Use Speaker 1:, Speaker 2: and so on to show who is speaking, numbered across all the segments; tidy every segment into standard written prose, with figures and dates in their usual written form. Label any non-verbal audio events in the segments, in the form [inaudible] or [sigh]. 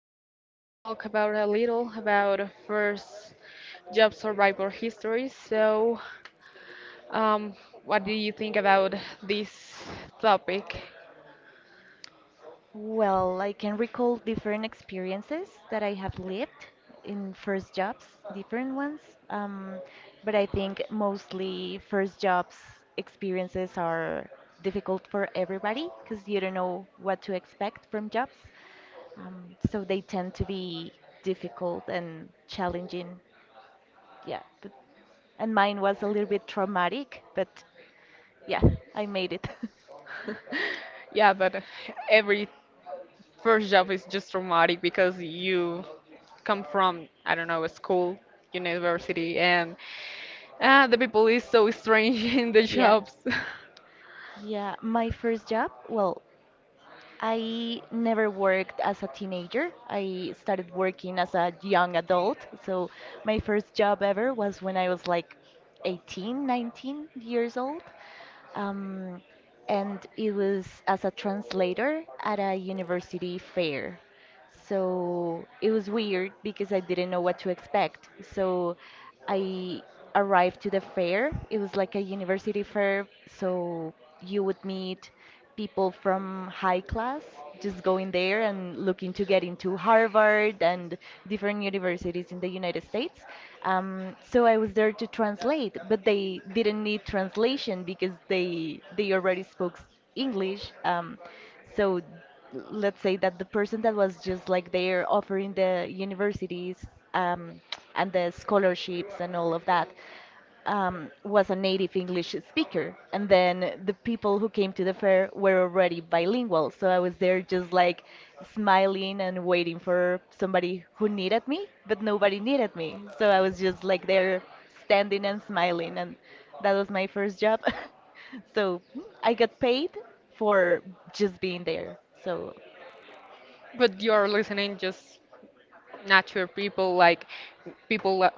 Speaker 1: for talk about a little about our first job survival history. Um, what do you think about this topic?
Speaker 2: Well, I can recall different experiences that I have lived in first jobs, different ones. Um, but I think mostly first jobs experiences are difficult for everybody because you don't know what to expect from jobs. So they tend to be difficult and challenging. Yeah. And mine was a little bit traumatic, but yeah, I made it. [laughs]
Speaker 1: [laughs] Yeah, but every first job is just traumatic because you come from, I don't know, a school, university, and the people is so strange [laughs] in the
Speaker 2: Yeah.
Speaker 1: jobs. [laughs]
Speaker 2: Yeah, my first job, well, I never worked as a teenager. I started working as a young adult. So my first job ever was when I was like 18, 19 years old. Um, and it was as a translator at a university fair. So it was weird because I didn't know what to expect. So I arrived to the fair. It was like a university fair, so you would meet people from high class just going there and looking to get into Harvard and different universities in the United States. So I was there to translate, but they didn't need translation because they already spoke English. So let's say that the person that was just like there offering the universities um, and the scholarships and all of that, was a native English speaker, and then the people who came to the fair were already bilingual. So I was there just like smiling and waiting for somebody who needed me, but nobody needed me. So I was just like there standing and smiling, and that was my first job. [laughs] So I got paid for just being there. So,
Speaker 1: But you are listening just nature people, like people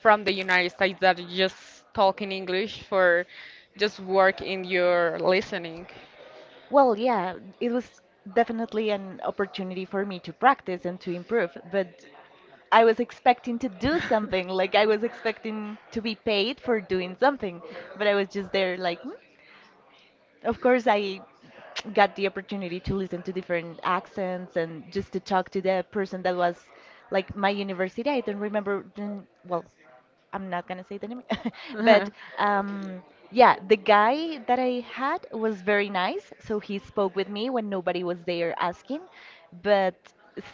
Speaker 1: from the United States that just talk in English for just work in your listening.
Speaker 2: well, yeah, it was definitely an opportunity for me to practice and to improve, but I was expecting to do something, like I was expecting to be paid for doing something, but I was just there like, "Hmm." Of course I got the opportunity to listen to different accents and just to talk to the person that was like my university. I don't remember then, well, I'm not gonna say the name,
Speaker 1: [laughs]
Speaker 2: [laughs] but
Speaker 1: like
Speaker 2: um, yeah, the guy that I had was very nice. So he spoke with me when nobody was there asking, but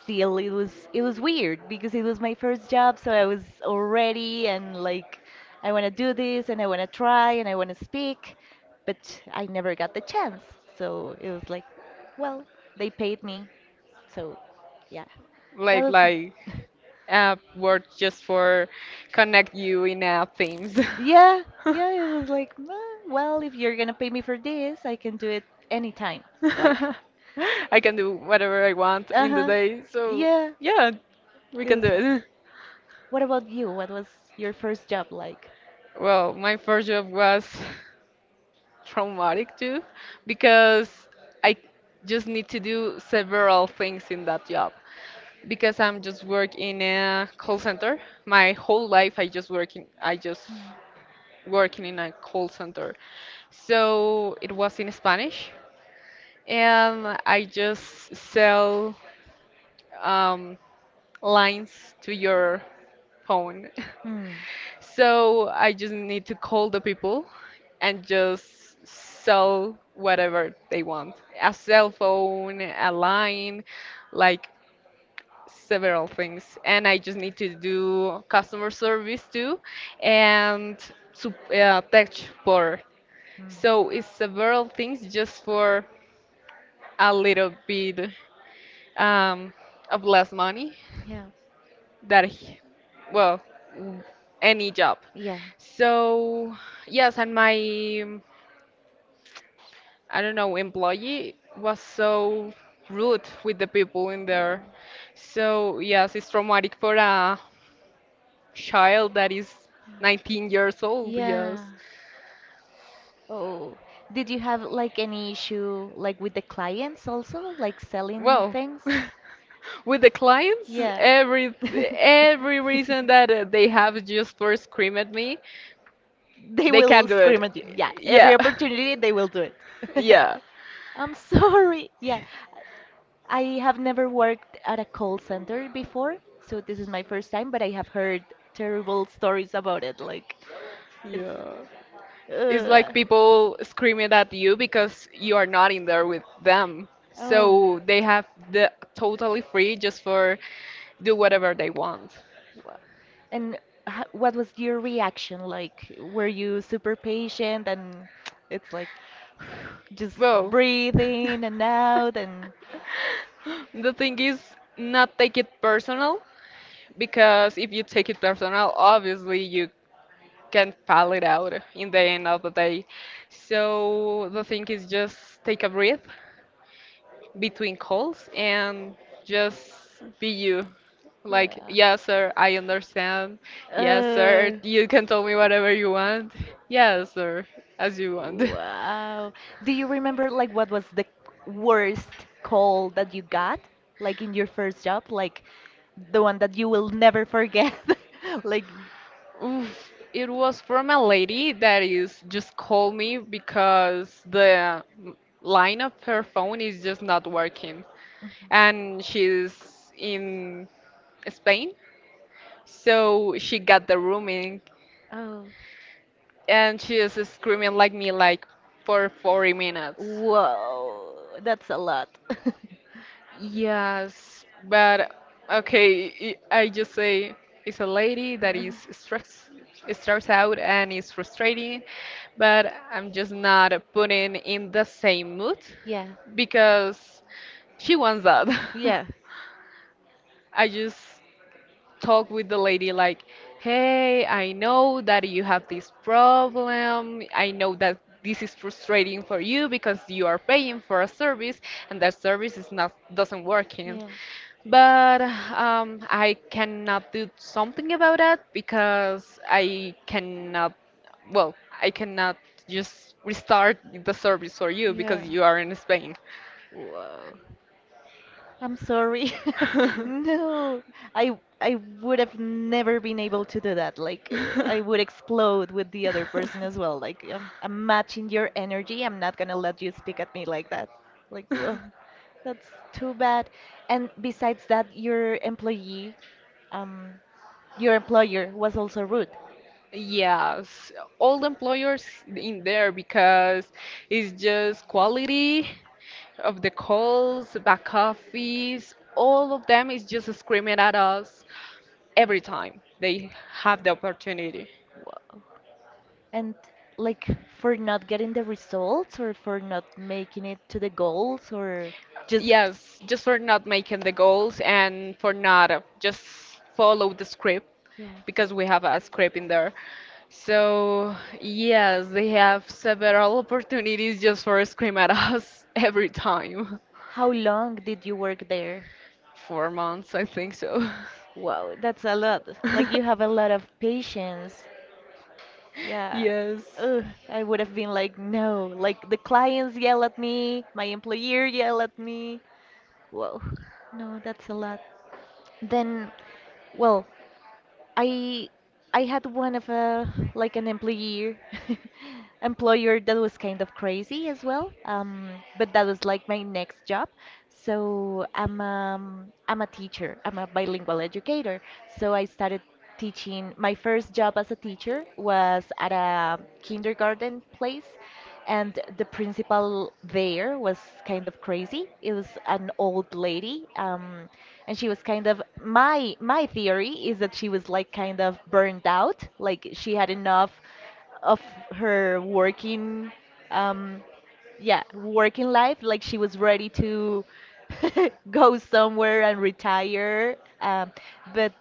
Speaker 2: still, it was weird because it was my first job, so I was already and like I want to do this and I want to try and I want to speak, but I never got the chance. So it was like, well, they paid me, so yeah, that was. [laughs]
Speaker 1: like word just for connect you in themes.
Speaker 2: Yeah, yeah, it was like, "Meh, well, if you're gonna pay me for this, I can do it anytime. Like,
Speaker 1: [laughs] I can do whatever I want in the
Speaker 2: uh-huh.
Speaker 1: day, so
Speaker 2: Yeah,
Speaker 1: yeah, we
Speaker 2: it
Speaker 1: can
Speaker 2: was
Speaker 1: do
Speaker 2: fun.
Speaker 1: it. [laughs]
Speaker 2: What about you? What was your first job like?
Speaker 1: Well, my first job was traumatic too because I just need to do several things in that job because I'm just work in a call center. My whole life I just working in a call center. So it was in Spanish and I just sell um, lines to your phone. [laughs]
Speaker 2: Mm,
Speaker 1: So I just need to call the people and just sell whatever they want. A cell phone, a line, like several things. And I just need to do customer service too and tech support.
Speaker 2: mm,
Speaker 1: So it's
Speaker 2: mm.
Speaker 1: several things just for a little bit um, of less money.
Speaker 2: Yeah,
Speaker 1: That he, well, w- any job.
Speaker 2: yeah.
Speaker 1: So yes, and my I don't know, employee was so rude with the people in
Speaker 2: Oh,
Speaker 1: there. So yes, it's traumatic for a child that is 19 years old.
Speaker 2: yeah.
Speaker 1: Yes,
Speaker 2: Oh, did you have like any issue like with the clients also, like selling
Speaker 1: well,
Speaker 2: things?
Speaker 1: [laughs] with the clients,
Speaker 2: Yeah. [laughs]
Speaker 1: every reason that they have just for scream at me,
Speaker 2: They
Speaker 1: they can
Speaker 2: will
Speaker 1: do
Speaker 2: scream
Speaker 1: it.
Speaker 2: at you. Yeah,
Speaker 1: Yeah.
Speaker 2: every
Speaker 1: [laughs]
Speaker 2: opportunity they will do it. [laughs]
Speaker 1: Yeah,
Speaker 2: I'm sorry. Yeah, I have never worked at a call center before, so this is my first time, but I have heard terrible stories about it. Like, it's.
Speaker 1: yeah. It's like
Speaker 2: Uh,
Speaker 1: people screaming at you because you are not in there with them.
Speaker 2: oh.
Speaker 1: So they have the totally free just for do whatever they want.
Speaker 2: Wow. And what was your reaction like? Were you super patient and [tsk] it's like [sighs] just
Speaker 1: Well,
Speaker 2: breathe in and out and
Speaker 1: [laughs] the thing is not take it personal, because if you take it personal, obviously you can pal it out in the end of the day. So the thing is just take a breath between calls and just be you. Like,
Speaker 2: yeah.
Speaker 1: yes, sir, I understand. Yes, sir,
Speaker 2: Uh,
Speaker 1: you can tell me whatever you want. Yes, sir, as you want. [laughs]
Speaker 2: wow. Do you remember like what was the worst call that you got? Like in your first job, like the one that you will never forget? [laughs] Like,
Speaker 1: Oof, it was from a lady that is just called me because the line of her phone is just not working. And she's in Spain, so she got the rooming
Speaker 2: oh.
Speaker 1: and she is screaming like me like for 40 minutes.
Speaker 2: Whoa, that's a lot. [laughs]
Speaker 1: Yes, but okay, I just say it's a lady that is stressed, stressed out and is frustrating, but I'm just not putting in the same mood
Speaker 2: Yeah,
Speaker 1: because she wants that. [laughs]
Speaker 2: yeah,
Speaker 1: I just talk with the lady like, hey, I know that you have this problem. I know that this is frustrating for you because you are paying for a service and that service is not doesn't working. But I cannot do something about that because I cannot, well, I cannot just restart the service for you
Speaker 2: yeah,
Speaker 1: because
Speaker 2: yeah.
Speaker 1: you are in Spain.
Speaker 2: Whoa. I'm sorry. [laughs]
Speaker 1: [laughs]
Speaker 2: No, I would have never been able to do that. Like I would explode with the other person as well. Like I'm matching your energy. I'm not gonna let you speak at me like that. Like ugh, that's too bad. And besides that, your employee, um, your employer was also rude.
Speaker 1: Yes, all the employers in there because it's just quality of the calls, back office, all of them is just screaming at us every time they have the opportunity.
Speaker 2: Whoa. And like for not getting the results or for not making it to the goals or just
Speaker 1: Yes, just for not making the goals and for not just follow the script
Speaker 2: yeah.
Speaker 1: because we have a script in there. So, yes, they have several opportunities just for scream at us [laughs] every time.
Speaker 2: How long did you work there?
Speaker 1: 4 months, I think so.
Speaker 2: Wow, that's a lot. Like you have a lot
Speaker 1: [laughs]
Speaker 2: of patience. Yeah.
Speaker 1: Yes.
Speaker 2: Ugh, I would have been like, no. Like the clients yell at me, my employer yell at me. Whoa. No, that's a lot. Then, well, I I had one of a like an employee [laughs] employer that was kind of crazy as well. But that was like my next job. So I'm a teacher. I'm a bilingual educator. So I started teaching. My first job as a teacher was at a kindergarten place, and the principal there was kind of crazy. It was an old lady. And she was kind of my theory is that she was like kind of burned out like she had enough of her working, um yeah, working life, like she was ready to [laughs] go somewhere and retire. But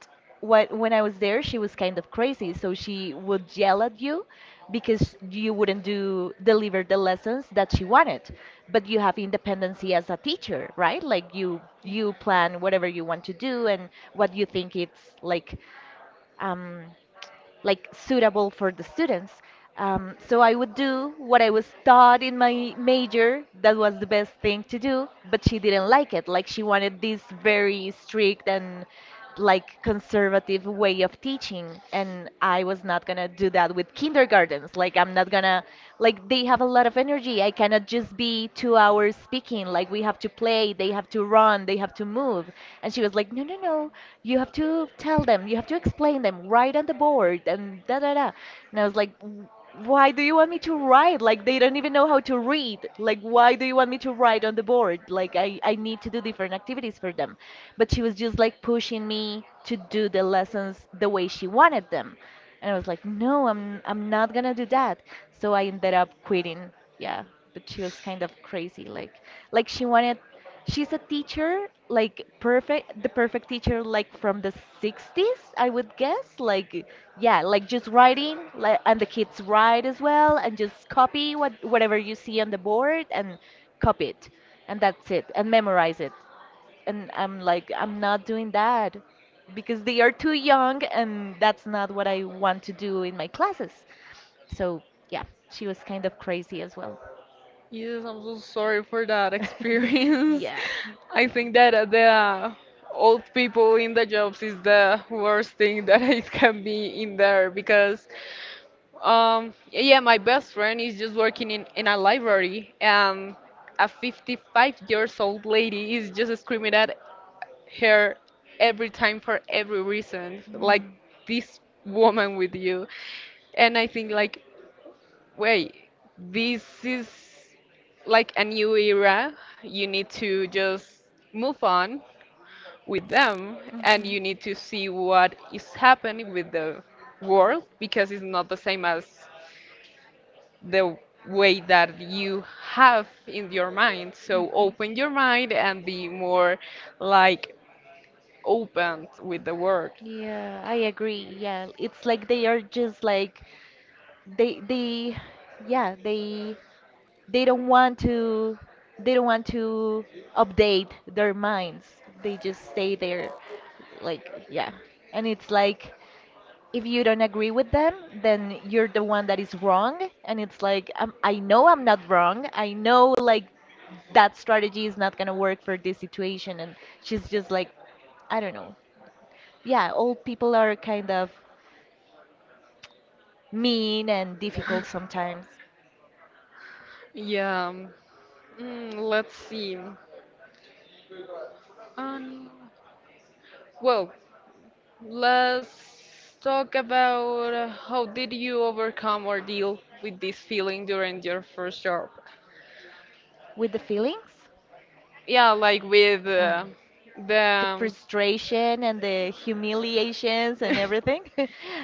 Speaker 2: what, when I was there, she was kind of crazy. So she would yell at you because you wouldn't do deliver the lessons that she wanted. But you have independency as a teacher, right? Like you plan whatever you want to do and what you think it's like. Um, like suitable for the students. So I would do what I was taught in my major. That was the best thing to do, but she didn't like it. Like she wanted this very strict and like conservative way of teaching and I was not going to do that with kindergartens. Like I'm not going to like they have a lot of energy. I cannot just be two hours speaking. Like we have to play, they have to run, they have to move. And she was like, "No, no, no, you have to tell them, you have to explain them, write on the board and da da da." And I was like, Why do you want me to write? Like they don't even know how to read. Like why do you want me to write on the board? Like I need to do different activities for them." But she was just like pushing me to do the lessons the way she wanted them. And I was like, no, I'm not gonna do that. So I ended up quitting. Yeah. But she was kind of crazy. Like she wanted. She's a teacher, like perfect, the perfect teacher, like from the 60s, I would guess. Like, yeah, like just writing, like, and the kids write as well, and just copy whatever you see on the board and copy it, and that's it, and memorize it. And I'm like, I'm not doing that because they are too young, and that's not what I want to do in my classes. So, yeah, she was kind of crazy as well.
Speaker 1: Yes, I'm so sorry for that
Speaker 2: [laughs]
Speaker 1: experience.
Speaker 2: Yeah,
Speaker 1: [laughs] I
Speaker 2: yeah.
Speaker 1: think that the old people in the jobs is the worst thing that [laughs] it can be in there, because, yeah, my best friend is just working in a library and a 55 years old lady is just screaming at her every time for every reason,
Speaker 2: Wow.
Speaker 1: like this woman with you. And I think like, wait, this is like a new era. You need to just move on with them and you need to see what is happening with the world because it's not the same as the way that you have in your mind.
Speaker 2: Mhm.
Speaker 1: So
Speaker 2: Mhm.
Speaker 1: open your mind and be more like open with the world.
Speaker 2: Yeah, I agree. Yeah, it's like they are just like they yeah, they don't want to they don't want to update their minds. They just stay there like, yeah. And it's like if you don't agree with them, then you're the one that is wrong. And it's like, I know I'm not wrong. I know like that strategy is not going to work for this situation, and she's just like, I don't know. Yeah, old people are kind of mean and difficult sometimes
Speaker 1: Yeah. Mm, let's see. Um, well, Let's talk about how did you overcome or deal with this feeling during your first job?
Speaker 2: with the feelings.
Speaker 1: Yeah, like with
Speaker 2: um, the
Speaker 1: the
Speaker 2: frustration and the humiliations and everything. [laughs]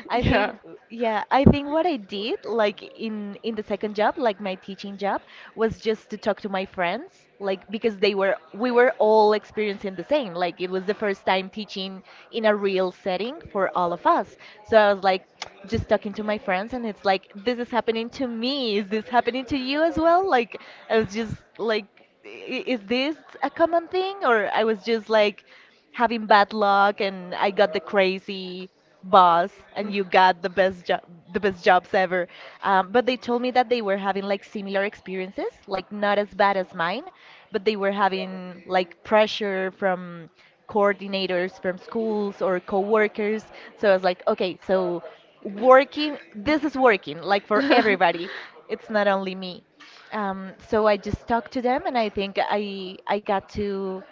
Speaker 2: I think yeah, I think what I did like in the second job, like my teaching job, was just to talk to my friends, like because they were, we were all experiencing the same. Like it was the first time teaching in a real setting for all of us. So I was like [tsk] just talking to my friends and it's like this is happening to me. Is this happening to you as well? Like I was just like is this a common thing or I was just like having bad luck and I got the crazy boss and you got the best jobs ever. But they told me that they were having like similar experiences like not as bad as mine, but they were having like pressure from coordinators from schools or coworkers. So I was like, okay, so working this is working like for
Speaker 1: [laughs]
Speaker 2: everybody. It's not only me.
Speaker 1: yeah. [laughs]
Speaker 2: So I just talked to them, and I think I got to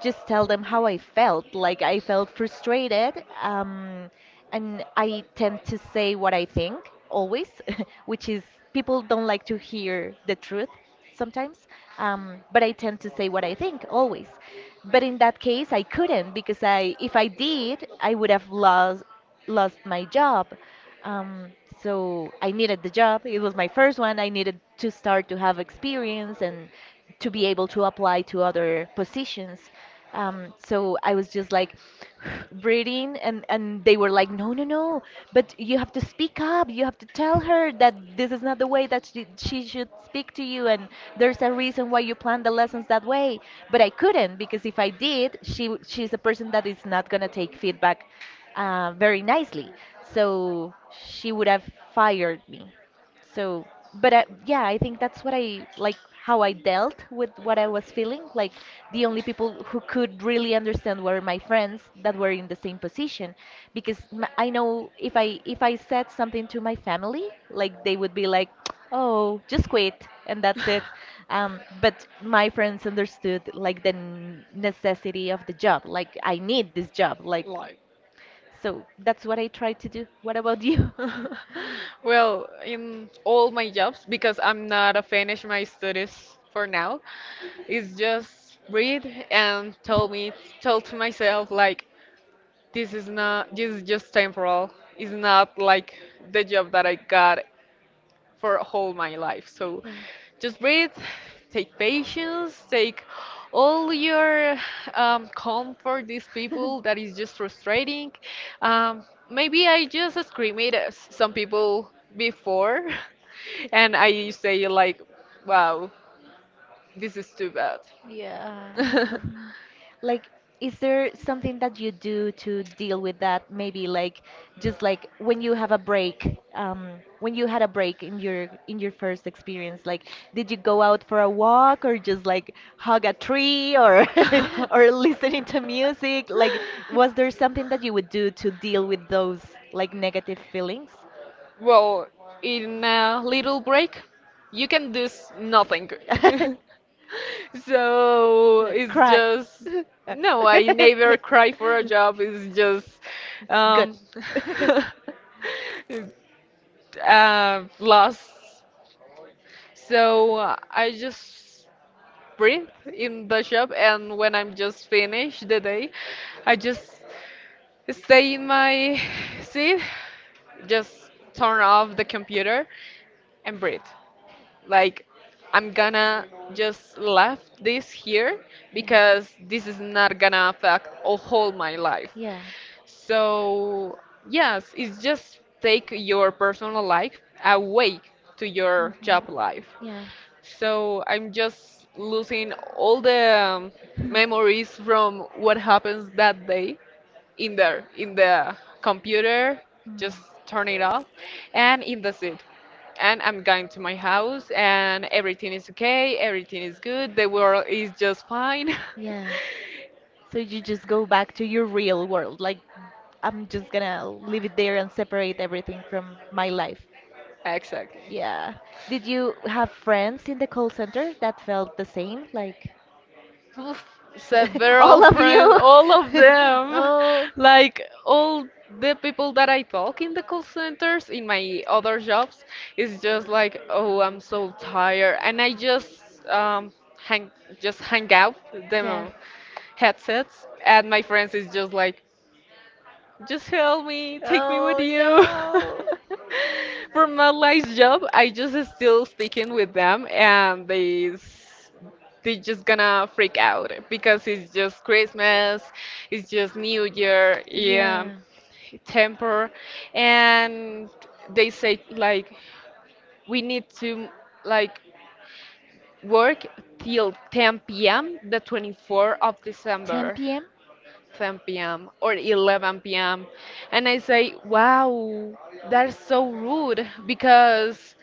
Speaker 2: just tell them how I felt. Like I felt frustrated, and I tend to say what I think always, [laughs] which is people don't like to hear the truth sometimes. But I tend to say what I think always. But in that case, I couldn't because if I did, I would have lost my job. Um, so I needed the job. It was my first one. I needed to start to have experience and to be able to apply to other positions. So I was just like [sighs] breathing, and they were like, no, no, no, but you have to speak up. You have to tell her that this is not the way that she should speak to you, and there's a reason why you plan the lessons that way. But I couldn't because if I did, she's a person that is not gonna take feedback very nicely. So she would have fired me. So, but yeah, I think that's what I like how I dealt with what I was feeling. Like the only people who could really understand were my friends that were in the same position, because I know if I said something to my family, like they would be like, "Oh, just quit," and that's it.
Speaker 1: [laughs]
Speaker 2: But my friends understood like the necessity of the job. Like I need this job. Like
Speaker 1: Like,
Speaker 2: so that's what I try to do. What about you? [laughs]
Speaker 1: [laughs] well, in all my jobs, because I'm not a finish my studies for now, it's just read and tell me, tell to myself like, this is not, this is just temporal. It's not like the job that I got for whole my life. So
Speaker 2: Yeah.
Speaker 1: just breathe, take patience, take all your comfort, these people that
Speaker 2: [laughs]
Speaker 1: is just frustrating. Um, maybe I just scream it at s- some people before, [laughs] and I say like, wow, this is too bad.
Speaker 2: Yeah. [laughs] Like, is there something that you do to deal with that? Maybe like just like when you have a break, when you had a break in your first experience, like did you go out for a walk or just like
Speaker 1: [laughs]
Speaker 2: hug a tree or [laughs] or
Speaker 1: [laughs]
Speaker 2: listening to music? Like, was there something that you would do to deal with those like negative feelings?
Speaker 1: Well, in a little break, you can do s- nothing.
Speaker 2: [laughs]
Speaker 1: [laughs] So
Speaker 2: Like
Speaker 1: it's
Speaker 2: cry.
Speaker 1: just
Speaker 2: [laughs] Uh,
Speaker 1: no,
Speaker 2: [laughs]
Speaker 1: I never cry for a job. It's just
Speaker 2: Good.
Speaker 1: um,
Speaker 2: [laughs]
Speaker 1: [laughs] loss. So I just breathe in the shop, and when I'm just finished the day, I just stay in my seat, just turn off the computer, and breathe. Like, I'm gonna just left this here because this is not gonna affect a whole my life.
Speaker 2: Yeah. Yeah.
Speaker 1: So yes, it's just take your personal life away to your
Speaker 2: Mhm.
Speaker 1: job life.
Speaker 2: Yeah.
Speaker 1: So I'm just losing all the memories from what happens that day in there, in the computer, just
Speaker 2: Mm.
Speaker 1: turn it off, and in the seat. And I'm going to my house, and everything is okay, everything is good, the world is just fine. [laughs]
Speaker 2: Yeah. So you just go back to your real world. Like, I'm just gonna leave it there and separate everything from my life.
Speaker 1: Exactly.
Speaker 2: Yeah. Did you have friends in the call center that felt the same? Like,
Speaker 1: Oof,
Speaker 2: [laughs]
Speaker 1: several
Speaker 2: all of
Speaker 1: friends,
Speaker 2: you?
Speaker 1: all of
Speaker 2: [laughs]
Speaker 1: them.
Speaker 2: Oh.
Speaker 1: Like all the people that I talk in the call centers, in my other jobs, is just like, oh, I'm so tired, and I just hang just hang out the headsets, and my friends is just like, just help me, take me with
Speaker 2: Oh
Speaker 1: you.
Speaker 2: no.
Speaker 1: [laughs]
Speaker 2: For
Speaker 1: From my
Speaker 2: me,
Speaker 1: last job, I just still sticking with them, and they just gonna freak out because it's just Christmas, it's just New Year, yeah, temper, and they say like we need to like work till 10 p.m. the 24th of
Speaker 2: 10
Speaker 1: December.
Speaker 2: p.m.
Speaker 1: 10 p.m. or 11 p.m. And I say, wow, that's so rude because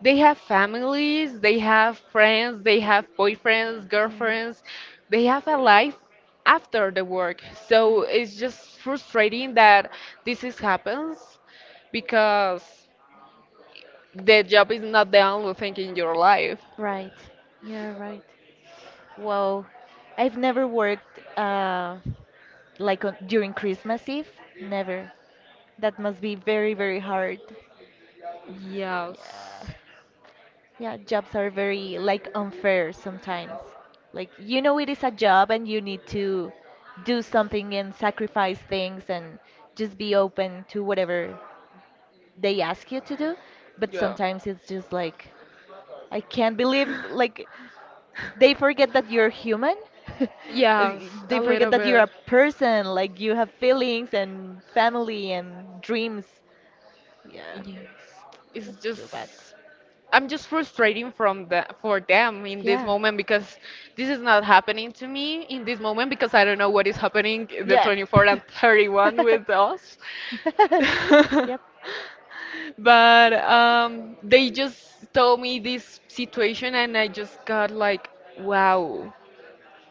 Speaker 1: they have families, they have friends, they have boyfriends, girlfriends, they have a life after the work. So it's just frustrating that this is happens because the job is not the only thing in your life.
Speaker 2: Right. Yeah, right. Wow. I've never worked like on, during Christmas Eve. Never. That must be very, very hard. Yeah.
Speaker 1: Yes.
Speaker 2: Yeah, jobs are very like unfair sometimes. Like you know it is a job and you need to do something and sacrifice things and just be open to whatever they ask you to do, but sometimes it's just like I can't believe like they forget that you're human. [laughs]
Speaker 1: Yes,
Speaker 2: They
Speaker 1: a
Speaker 2: forget
Speaker 1: little
Speaker 2: that you're
Speaker 1: bit.
Speaker 2: a person, like you have feelings and family and dreams. Yeah,
Speaker 1: Yes. It's
Speaker 2: it's
Speaker 1: just
Speaker 2: so bad.
Speaker 1: I'm just frustrating from the for them in this
Speaker 2: Yeah.
Speaker 1: moment because this is not happening to me in this moment because I don't know what is happening in the
Speaker 2: Yeah.
Speaker 1: 24 and 31
Speaker 2: [laughs]
Speaker 1: with us. [laughs]
Speaker 2: Yep.
Speaker 1: But they just told me this situation and I just got like, wow,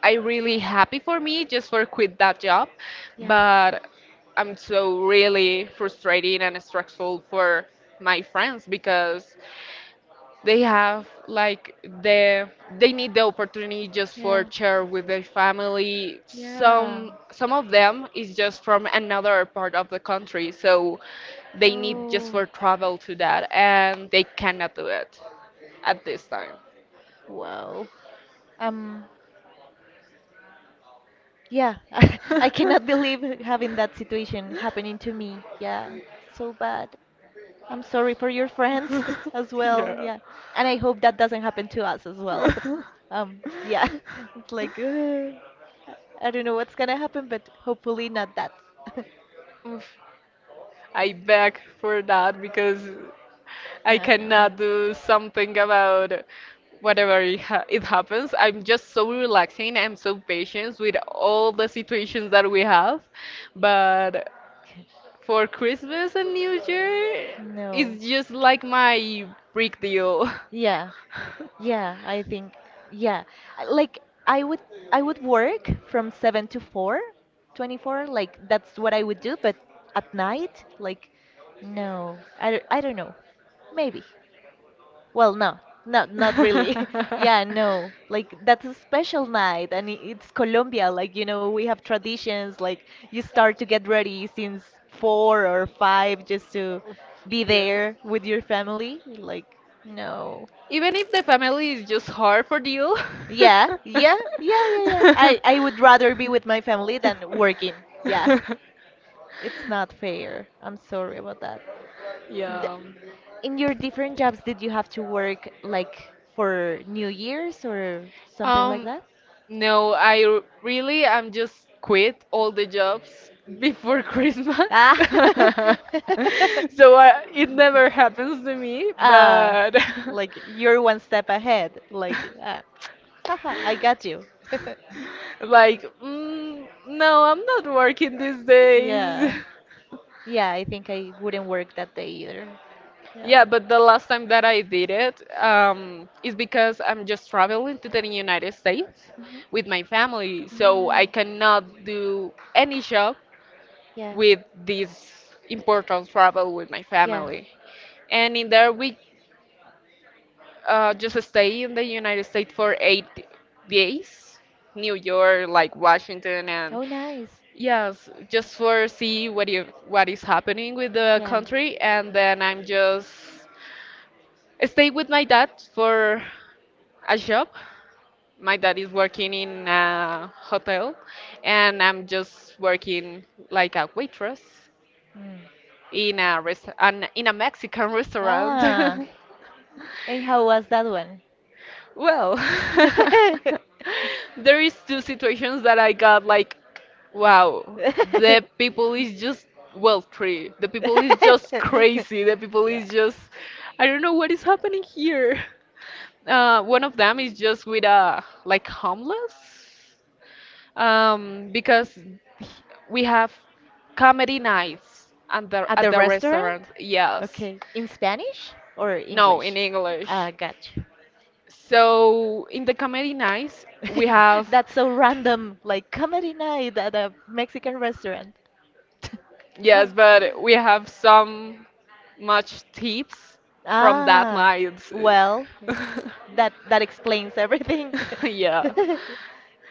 Speaker 1: I really happy for me just for quit that job,
Speaker 2: Yeah.
Speaker 1: but I'm so really frustrating and stressful for my friends because they have like the they need the opportunity just for
Speaker 2: Yeah.
Speaker 1: share with their family.
Speaker 2: Yeah.
Speaker 1: Some of them is just from another part of the country, so they need just
Speaker 2: Oh.
Speaker 1: for travel to that and they cannot do it at this time.
Speaker 2: Wow. Um. Yeah. [laughs] I cannot
Speaker 1: [laughs]
Speaker 2: believe having that situation happening to me. Yeah. So bad. I'm sorry for your friends [laughs] as
Speaker 1: [laughs]
Speaker 2: well.
Speaker 1: Yeah.
Speaker 2: Yeah. And I hope that doesn't happen to us as well. [laughs]
Speaker 1: [laughs]
Speaker 2: Yeah. [laughs] It's like. I don't know what's gonna happen, but hopefully not that. [laughs]
Speaker 1: Oof, I beg for that because I
Speaker 2: Yeah, I know.
Speaker 1: cannot do
Speaker 2: [laughs]
Speaker 1: something about whatever it, ha it happens. I'm just so relaxing. I'm so patient with all the situations that we have. But for Christmas and New Year,
Speaker 2: No.
Speaker 1: it's just like my break deal.
Speaker 2: Yeah, yeah, I think yeah. Like I would I would work from 7 to 4, 24. Like that's what I would do, but at night, like no. I don't know. Maybe. Well,
Speaker 1: [laughs]
Speaker 2: no, not really. [laughs] Yeah, no. Like that's a
Speaker 1: [laughs]
Speaker 2: special night, and it's Colombia. Like you know, we have traditions. Like you start to get ready since four or five just to be
Speaker 1: Yes.
Speaker 2: there with your family. Like no.
Speaker 1: Even if the family is just hard for you.
Speaker 2: Yeah,
Speaker 1: [laughs]
Speaker 2: yeah,
Speaker 1: [laughs]
Speaker 2: yeah, yeah, yeah. I would rather be with my family
Speaker 1: Than
Speaker 2: than working. Yeah,
Speaker 1: working. [laughs]
Speaker 2: it's not fair. I'm sorry about that. D
Speaker 1: Yeah.
Speaker 2: In your different jobs, did you have to work like for New Year's or something like
Speaker 1: Um,
Speaker 2: that?
Speaker 1: no, I really am just quit all the jobs before [laughs] Christmas.
Speaker 2: Ah.
Speaker 1: [laughs]
Speaker 2: [laughs]
Speaker 1: Ah, so I, it never happens to me,
Speaker 2: Ah.
Speaker 1: but [laughs] like
Speaker 2: Like you're one step ahead. Like, ah, haha, I got you. [laughs]
Speaker 1: [laughs] like, mm, no, I'm not working these days.
Speaker 2: Yeah.
Speaker 1: [laughs]
Speaker 2: Yeah, I think I wouldn't work that day either.
Speaker 1: Yeah,
Speaker 2: Yeah.
Speaker 1: but the last time that I did it is because I'm just traveling to the United States with my family,
Speaker 2: Mhm.
Speaker 1: so I
Speaker 2: Mm.
Speaker 1: cannot do any job
Speaker 2: Yeah.
Speaker 1: with this important travel with my
Speaker 2: Yeah.
Speaker 1: family. And in there, we just stay in the United States for 8 days, New York, like Washington, and
Speaker 2: Oh, nice.
Speaker 1: yes, just for see what you, what is happening with the
Speaker 2: Yeah.
Speaker 1: country, and then I'm just stay with my dad for a job. My dad is working in a hotel, and I'm just working like a waitress
Speaker 2: Mm.
Speaker 1: in a in a Mexican restaurant.
Speaker 2: Ah, and how was that one?
Speaker 1: [laughs] Well, [laughs]
Speaker 2: [laughs]
Speaker 1: there is two situations that I got like, wow, the people is just well three. The people is just crazy. The people is just, I don't know what is happening here. One of them is just with a like homeless, because we have comedy nights and the,
Speaker 2: At
Speaker 1: at
Speaker 2: the
Speaker 1: the
Speaker 2: restaurant?
Speaker 1: restaurant. Yes,
Speaker 2: Okay. In Spanish or
Speaker 1: no,
Speaker 2: English?
Speaker 1: in
Speaker 2: Ah,
Speaker 1: English.
Speaker 2: gotcha.
Speaker 1: So in the comedy nights we
Speaker 2: [laughs]
Speaker 1: have
Speaker 2: That's so random, like comedy night at a Mexican restaurant. [laughs]
Speaker 1: yes,
Speaker 2: Well.
Speaker 1: but we have some much tips from that
Speaker 2: Ah,
Speaker 1: night.
Speaker 2: well,
Speaker 1: [laughs]
Speaker 2: that explains everything.
Speaker 1: Yeah.
Speaker 2: [laughs]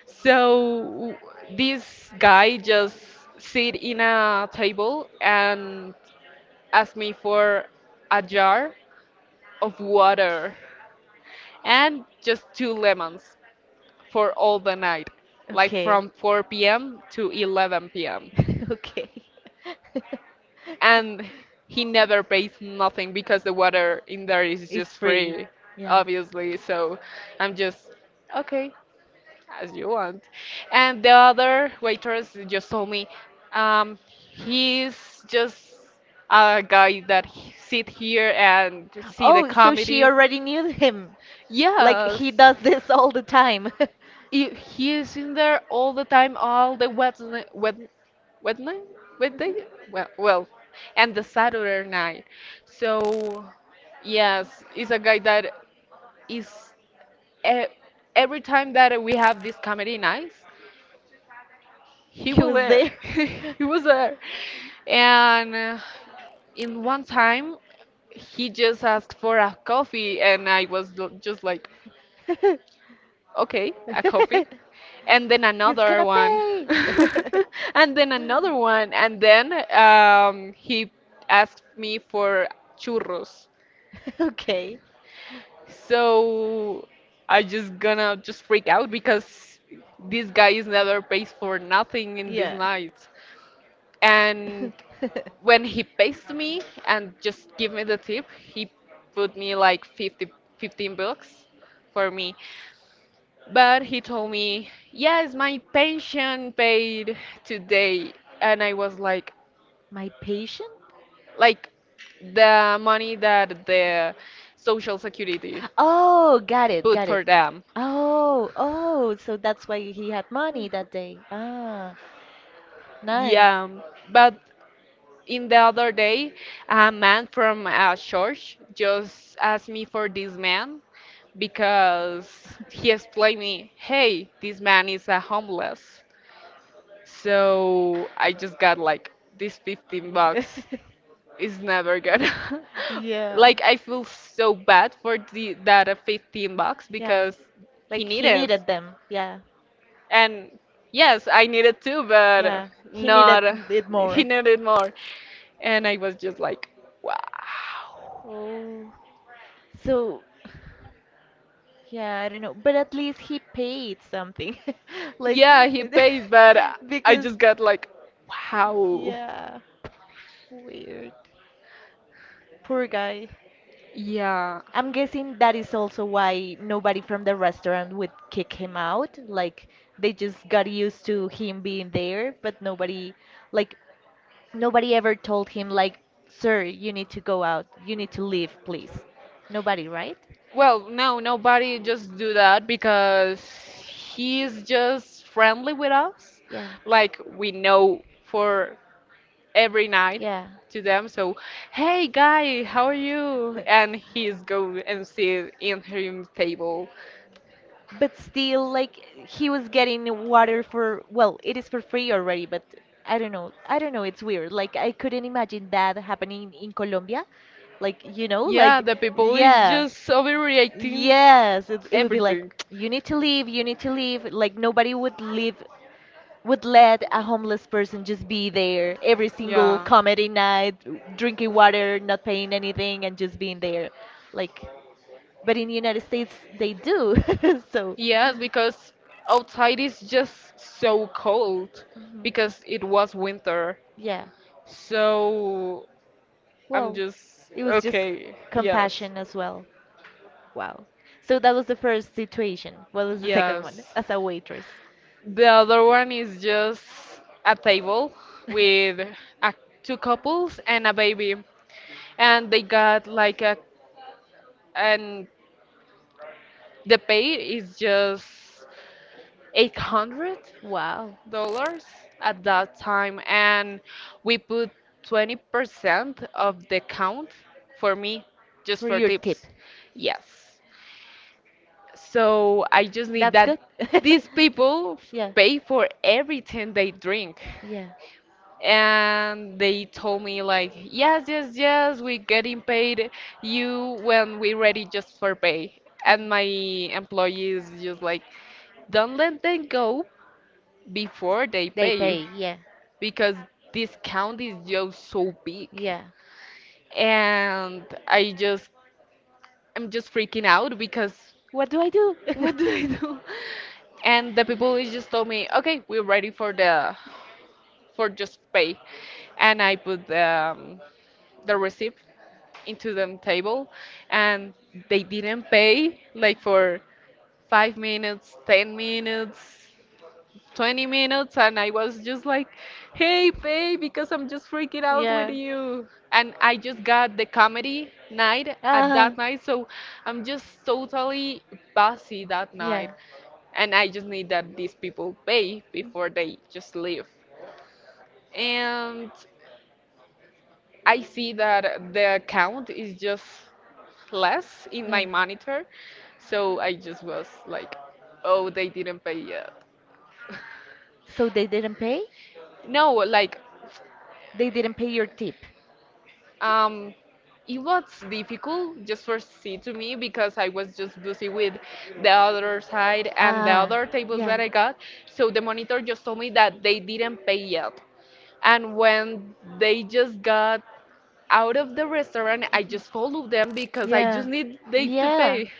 Speaker 1: So this guy just sit in a table and asked me for a jar of water and just two lemons for all the night, like
Speaker 2: Okay.
Speaker 1: from 4 p.m. to 11 p.m.
Speaker 2: [laughs] Okay. [laughs]
Speaker 1: And he never pays nothing because the water in there is
Speaker 2: It's
Speaker 1: just
Speaker 2: free.
Speaker 1: free,
Speaker 2: Yeah.
Speaker 1: obviously. So I'm just okay, as you want. And the other waitress just told me, um, he's just a guy that sit here and see the
Speaker 2: Oh, so she
Speaker 1: comedy.
Speaker 2: already knew him. Like
Speaker 1: Yes.
Speaker 2: he does this all the time. [laughs]
Speaker 1: He is in there all the time, all the Wednesday, Wednesday, Wednesday, well, and the Saturday night. So, yes, he's a guy that is e every time that we have this comedy nights, he
Speaker 2: He
Speaker 1: was
Speaker 2: was
Speaker 1: there.
Speaker 2: there.
Speaker 1: [laughs] He was there, and in one time, he just asked for a coffee, and I was just like,
Speaker 2: [laughs] [laughs]
Speaker 1: okay, a coffee.
Speaker 2: [laughs]
Speaker 1: And then
Speaker 2: He's
Speaker 1: another
Speaker 2: gonna
Speaker 1: one.
Speaker 2: pay.
Speaker 1: [laughs] And then another one. And then he asked me for churros.
Speaker 2: [laughs] Okay.
Speaker 1: So I just gonna just freak out because this guy is never pays for nothing in these
Speaker 2: Yeah.
Speaker 1: nights. And
Speaker 2: [laughs]
Speaker 1: when he pays me and just give me the tip, he put me like 50, $15 for me. But he told me, "Yes, my pension paid today." And I was
Speaker 2: My patient?
Speaker 1: like the money that the social security
Speaker 2: Oh, got it,
Speaker 1: put
Speaker 2: got
Speaker 1: for
Speaker 2: it.
Speaker 1: them.
Speaker 2: Oh, oh, so that's why he had money that day. Ah, nice.
Speaker 1: Yeah, but in the other day, a man from a church just asked me for this man because he explained me, "Hey, this man is a homeless." So I just got like this 15 bucks.
Speaker 2: [laughs]
Speaker 1: It's never good. [laughs]
Speaker 2: Yeah.
Speaker 1: Like, I feel so bad for the that 15 bucks
Speaker 2: Yeah.
Speaker 1: because he
Speaker 2: Like he
Speaker 1: needed.
Speaker 2: needed them. Yeah.
Speaker 1: And yes, I needed too, but
Speaker 2: Yeah. He needed
Speaker 1: not
Speaker 2: it
Speaker 1: [laughs] he
Speaker 2: more.
Speaker 1: needed more. And I was just like, wow.
Speaker 2: Oh. So, yeah, I don't know, but at least he paid something. [laughs] Like,
Speaker 1: Yeah, he pays, but
Speaker 2: [laughs]
Speaker 1: I
Speaker 2: because,
Speaker 1: just got like, wow.
Speaker 2: yeah, weird. Poor guy.
Speaker 1: Yeah.
Speaker 2: I'm guessing that is also why nobody from the restaurant would kick him out. Like, they just got used to him being there, but like, nobody ever told him, like, sir, you need to go out, you need to leave, please. Nobody, right?
Speaker 1: Well, no, nobody just do that because he's just friendly with us.
Speaker 2: Yeah.
Speaker 1: Like, we know for every night
Speaker 2: Yeah.
Speaker 1: to them. So, hey guy, how are you? And
Speaker 2: [laughs]
Speaker 1: he's go and sit in her table.
Speaker 2: But still, like he was getting water for, well, it is for free already, but I don't know, it's weird. Like I couldn't imagine that happening in Colombia. Like, you know,
Speaker 1: Yeah,
Speaker 2: like
Speaker 1: the
Speaker 2: [laughs]
Speaker 1: people is
Speaker 2: Yeah, yeah.
Speaker 1: just overreacting
Speaker 2: Yes, it would be like
Speaker 1: everything.
Speaker 2: [tsk] you need to leave, you need to leave. Like nobody would let a homeless person just be there every single
Speaker 1: Yeah.
Speaker 2: comedy night, drinking water, not paying anything, and just being there. Like, but in the United States, they do. [laughs] So.
Speaker 1: Yes, because outside is just so cold
Speaker 2: Mhm.
Speaker 1: because it was winter.
Speaker 2: Yeah.
Speaker 1: So I'm
Speaker 2: Well,
Speaker 1: just
Speaker 2: it was just
Speaker 1: okay. Yes.
Speaker 2: compassion as well. Wow. So that was the first situation. What was the second one?
Speaker 1: Yes.
Speaker 2: As a waitress.
Speaker 1: The other one is just a table with a, two couples and a baby, and they got like a and
Speaker 2: [laughs]
Speaker 1: the pay is just eight hundred
Speaker 2: Wow.
Speaker 1: dollars at that time, and we put 20% of the count for me just
Speaker 2: For
Speaker 1: for
Speaker 2: your tip.
Speaker 1: tips. Yes. So I just need
Speaker 2: That's
Speaker 1: that
Speaker 2: good. [laughs]
Speaker 1: these people
Speaker 2: Yeah.
Speaker 1: pay for everything they drink.
Speaker 2: Yeah.
Speaker 1: And they told me like, yes, yes, yes, we getting paid you when we ready just for pay. And my employees just like, don't let them go before they
Speaker 2: They
Speaker 1: pay you
Speaker 2: pay. Yeah.
Speaker 1: because this count is just so big.
Speaker 2: Yeah.
Speaker 1: And I'm just freaking out because
Speaker 2: What do I do?
Speaker 1: [laughs] what do I
Speaker 2: [laughs]
Speaker 1: do? And the people is just told me, okay, we're ready for just pay. And I put the receipt into the table, and they didn't pay like for 5 minutes, 10 minutes, 20 minutes. And I was just like, hey, pay because I'm just freaking out with
Speaker 2: Yeah.
Speaker 1: you. And I just got the comedy night at
Speaker 2: Ah.
Speaker 1: that night. So I'm just totally bossy that night.
Speaker 2: Yeah.
Speaker 1: And I just need that these people pay before they just leave. And I see that the account is just less in
Speaker 2: Yeah.
Speaker 1: my monitor. So I just was like, oh, they didn't pay yet.
Speaker 2: So they didn't pay?
Speaker 1: No, like,
Speaker 2: They didn't pay your tip.
Speaker 1: um, it was difficult just for C to me because I was just busy with the other side and the
Speaker 2: Ah,
Speaker 1: other tables
Speaker 2: yeah.
Speaker 1: that I got. So the monitor just told me that they didn't pay yet. And when they just got out of the restaurant, I
Speaker 2: Mhm.
Speaker 1: just followed them because I
Speaker 2: Yeah.
Speaker 1: just need they to
Speaker 2: Yeah.
Speaker 1: pay.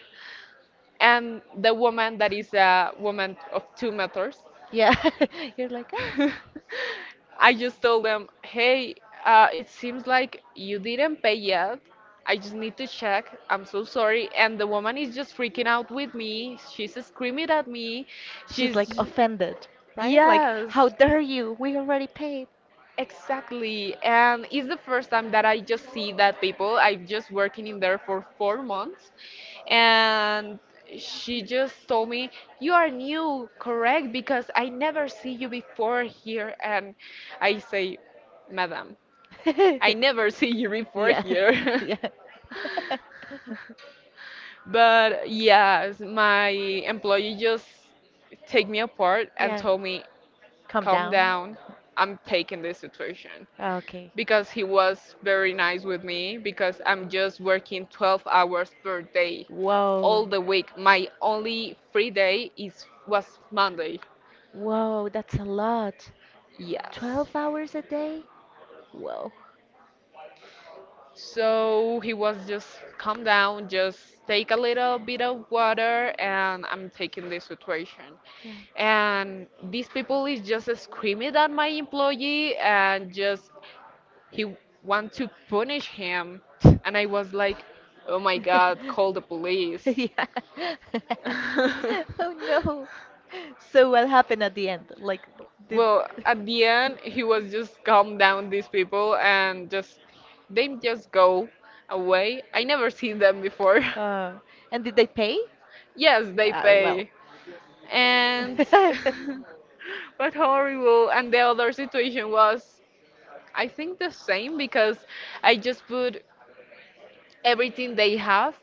Speaker 1: And the woman that is a woman of 2 meters,
Speaker 2: Yeah. [laughs] You're like, ah.
Speaker 1: [laughs] I just told them, hey, it seems like you didn't pay yet. I just need to check. I'm so sorry. And the woman is just freaking out with me. She's screaming at me.
Speaker 2: She's
Speaker 1: She's,
Speaker 2: like
Speaker 1: j-
Speaker 2: offended, right? Like,
Speaker 1: yes.
Speaker 2: how dare you? We already paid.
Speaker 1: Exactly. And it's the first time that I just see that people. I'm just working in there for 4 months. And she just told me, "You are new, correct? Because I never see you before here." And I say, "Madam, I never [laughs]
Speaker 2: [laughs]
Speaker 1: see you before
Speaker 2: Yeah. [laughs]
Speaker 1: here." [laughs]
Speaker 2: Yeah. [laughs]
Speaker 1: But yes, my employee just take me apart and
Speaker 2: Yeah.
Speaker 1: told me,
Speaker 2: Calm
Speaker 1: calm
Speaker 2: down.
Speaker 1: down, I'm taking this situation,
Speaker 2: Okay.
Speaker 1: because he was very nice with me because I'm just working 12 hours per day
Speaker 2: all
Speaker 1: all
Speaker 2: Wow.
Speaker 1: the week. My only free day is was Monday.
Speaker 2: Wow, that's a lot.
Speaker 1: Yes.
Speaker 2: 12 hours a day? Whoa.
Speaker 1: So he was just calm down, just take a little bit of water and I'm taking this situation.
Speaker 2: Yeah.
Speaker 1: And these people is just screaming at my employee, and just he want to punish him,
Speaker 2: Oh
Speaker 1: and I was like, "Oh my God, call the
Speaker 2: [laughs]
Speaker 1: police."
Speaker 2: police. Yeah. [laughs] Oh
Speaker 1: [laughs]
Speaker 2: no. So what happened at the end? Like,
Speaker 1: Well, at the end, he was just calm down these people and just they just go away. I never seen them before. [laughs]
Speaker 2: uh, and did they pay?
Speaker 1: Yes, they
Speaker 2: Well.
Speaker 1: pay. And
Speaker 2: [laughs]
Speaker 1: [laughs] but horrible. And the other situation was, I think the same because I just put everything they have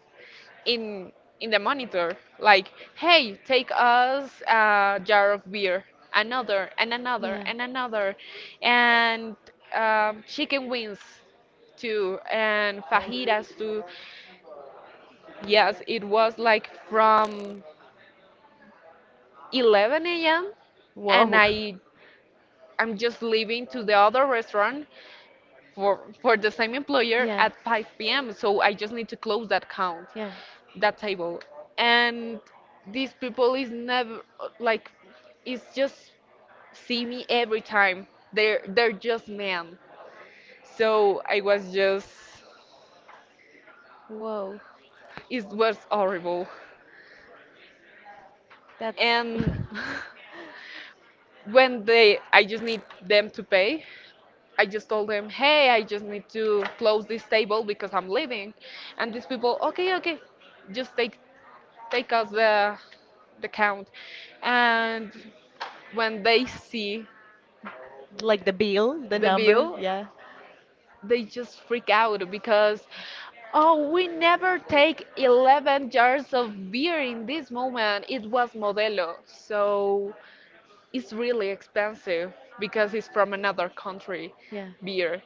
Speaker 1: in in the monitor, like, hey, take us a jar of beer, another and another
Speaker 2: Yeah.
Speaker 1: and another, and chicken wings too, and fajitas too. Yes, it was like from 11 a.m., and
Speaker 2: Whoa.
Speaker 1: I'm just leaving to the other restaurant for the same employer
Speaker 2: Yeah.
Speaker 1: at 5 p.m., so I just need to close that count,
Speaker 2: Yeah.
Speaker 1: that table. And these people is never, like, it's just see me every time. They're just men, so I was just,
Speaker 2: Whoa.
Speaker 1: it was horrible.
Speaker 2: That's [laughs]
Speaker 1: And [laughs] when they I just need them to pay, I just told them, hey, I just need to close this table because I'm leaving. And these people, okay, okay, just take us the count. And when they see
Speaker 2: like the bill, the
Speaker 1: the
Speaker 2: number.
Speaker 1: bill,
Speaker 2: Yeah.
Speaker 1: they just freak out because, oh, we never take 11 jars of beer. In this moment it was Modelo, so it's really expensive because it's from another country
Speaker 2: Yeah.
Speaker 1: beer.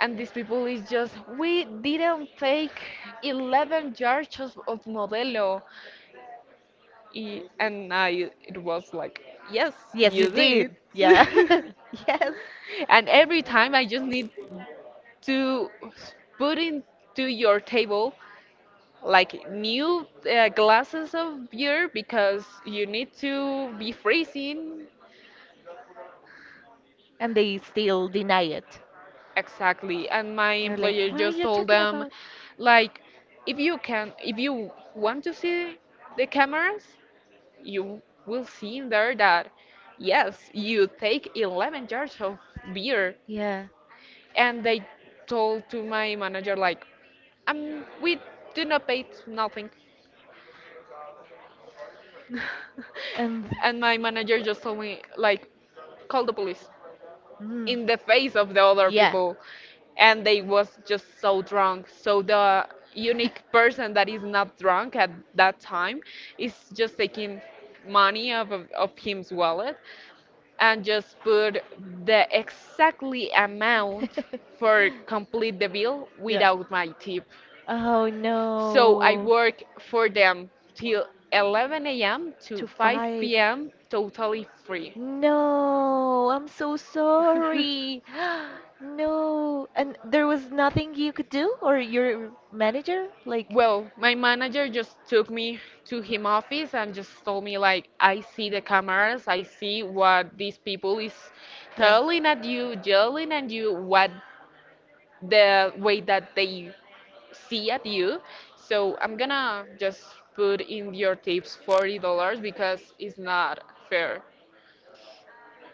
Speaker 1: And these people is just, we didn't take 11 jars of Modelo. And I it was like, yes,
Speaker 2: Yes, you
Speaker 1: you did.
Speaker 2: did. Yeah.
Speaker 1: [laughs]
Speaker 2: [laughs] Yes.
Speaker 1: And every time I just need to put into your table like new glasses of beer because you need to be freezing.
Speaker 2: And they still deny it.
Speaker 1: Exactly. And my
Speaker 2: They're like,
Speaker 1: employer
Speaker 2: "What are
Speaker 1: just
Speaker 2: you
Speaker 1: told
Speaker 2: talking
Speaker 1: them,
Speaker 2: about?"
Speaker 1: like, if you want to see the cameras, you will see in there that, yes, you take 11 jars of beer.
Speaker 2: Yeah,
Speaker 1: And they told to my manager, like, we do not pay nothing.
Speaker 2: and
Speaker 1: [laughs] And my manager
Speaker 2: well,
Speaker 1: just told me, like, call the police,
Speaker 2: mm,
Speaker 1: in the face of the other
Speaker 2: yeah,
Speaker 1: people. And they was just so drunk, so the unique person that is not drunk at that time is just taking money out of him's wallet and just put the exactly amount for
Speaker 2: [laughs]
Speaker 1: complete the bill
Speaker 2: yeah.
Speaker 1: without my tip.
Speaker 2: Oh
Speaker 1: So I
Speaker 2: no,
Speaker 1: work for them till 11 a.m. to
Speaker 2: to five.
Speaker 1: 5 p.m. totally free.
Speaker 2: No, I'm so sorry.
Speaker 1: [laughs]
Speaker 2: [gasps] No, and there was nothing you could do, or your manager? Like,
Speaker 1: Well, my manager just took me to him office and just told me, like, I see the cameras, I see what these people is
Speaker 2: yeah.
Speaker 1: yelling at you, what the way that they see at you. So I'm gonna just put in your tips $40 because it's not fair.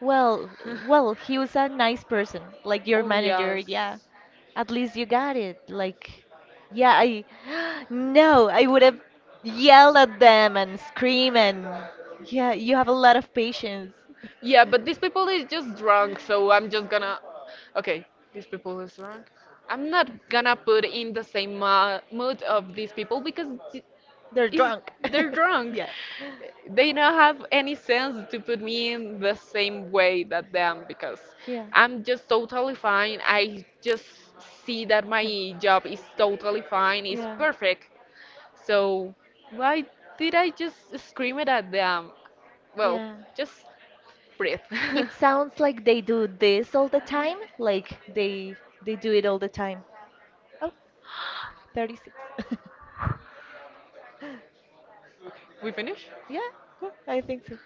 Speaker 2: Well, well, he
Speaker 1: [laughs]
Speaker 2: was a nice person, like your
Speaker 1: Oh
Speaker 2: manager,
Speaker 1: yes.
Speaker 2: yeah. At least you got it. Like, yeah, [gasps] no, I would have yelled at them and scream and, yeah, you have a lot of patience.
Speaker 1: Yeah, but these people is just drunk, so I'm just gonna, okay, these people is drunk. I'm not gonna put in the same mood of these people because th-
Speaker 2: They're
Speaker 1: is
Speaker 2: drunk.
Speaker 1: they're drunk.
Speaker 2: [laughs]
Speaker 1: They don't have any sense to put me in the same way that them because
Speaker 2: Yeah, yeah.
Speaker 1: I'm just totally fine. I just see that my job is
Speaker 2: [laughs]
Speaker 1: totally fine,
Speaker 2: [laughs]
Speaker 1: it's
Speaker 2: Yeah.
Speaker 1: perfect. So why did I just scream it at them?
Speaker 2: Because.
Speaker 1: Well,
Speaker 2: Yeah.
Speaker 1: just breathe. [laughs]
Speaker 2: It sounds like they do this all the time, like they do it all the time. Oh, 36.
Speaker 1: We finish?
Speaker 2: [laughs] Yeah, I think so.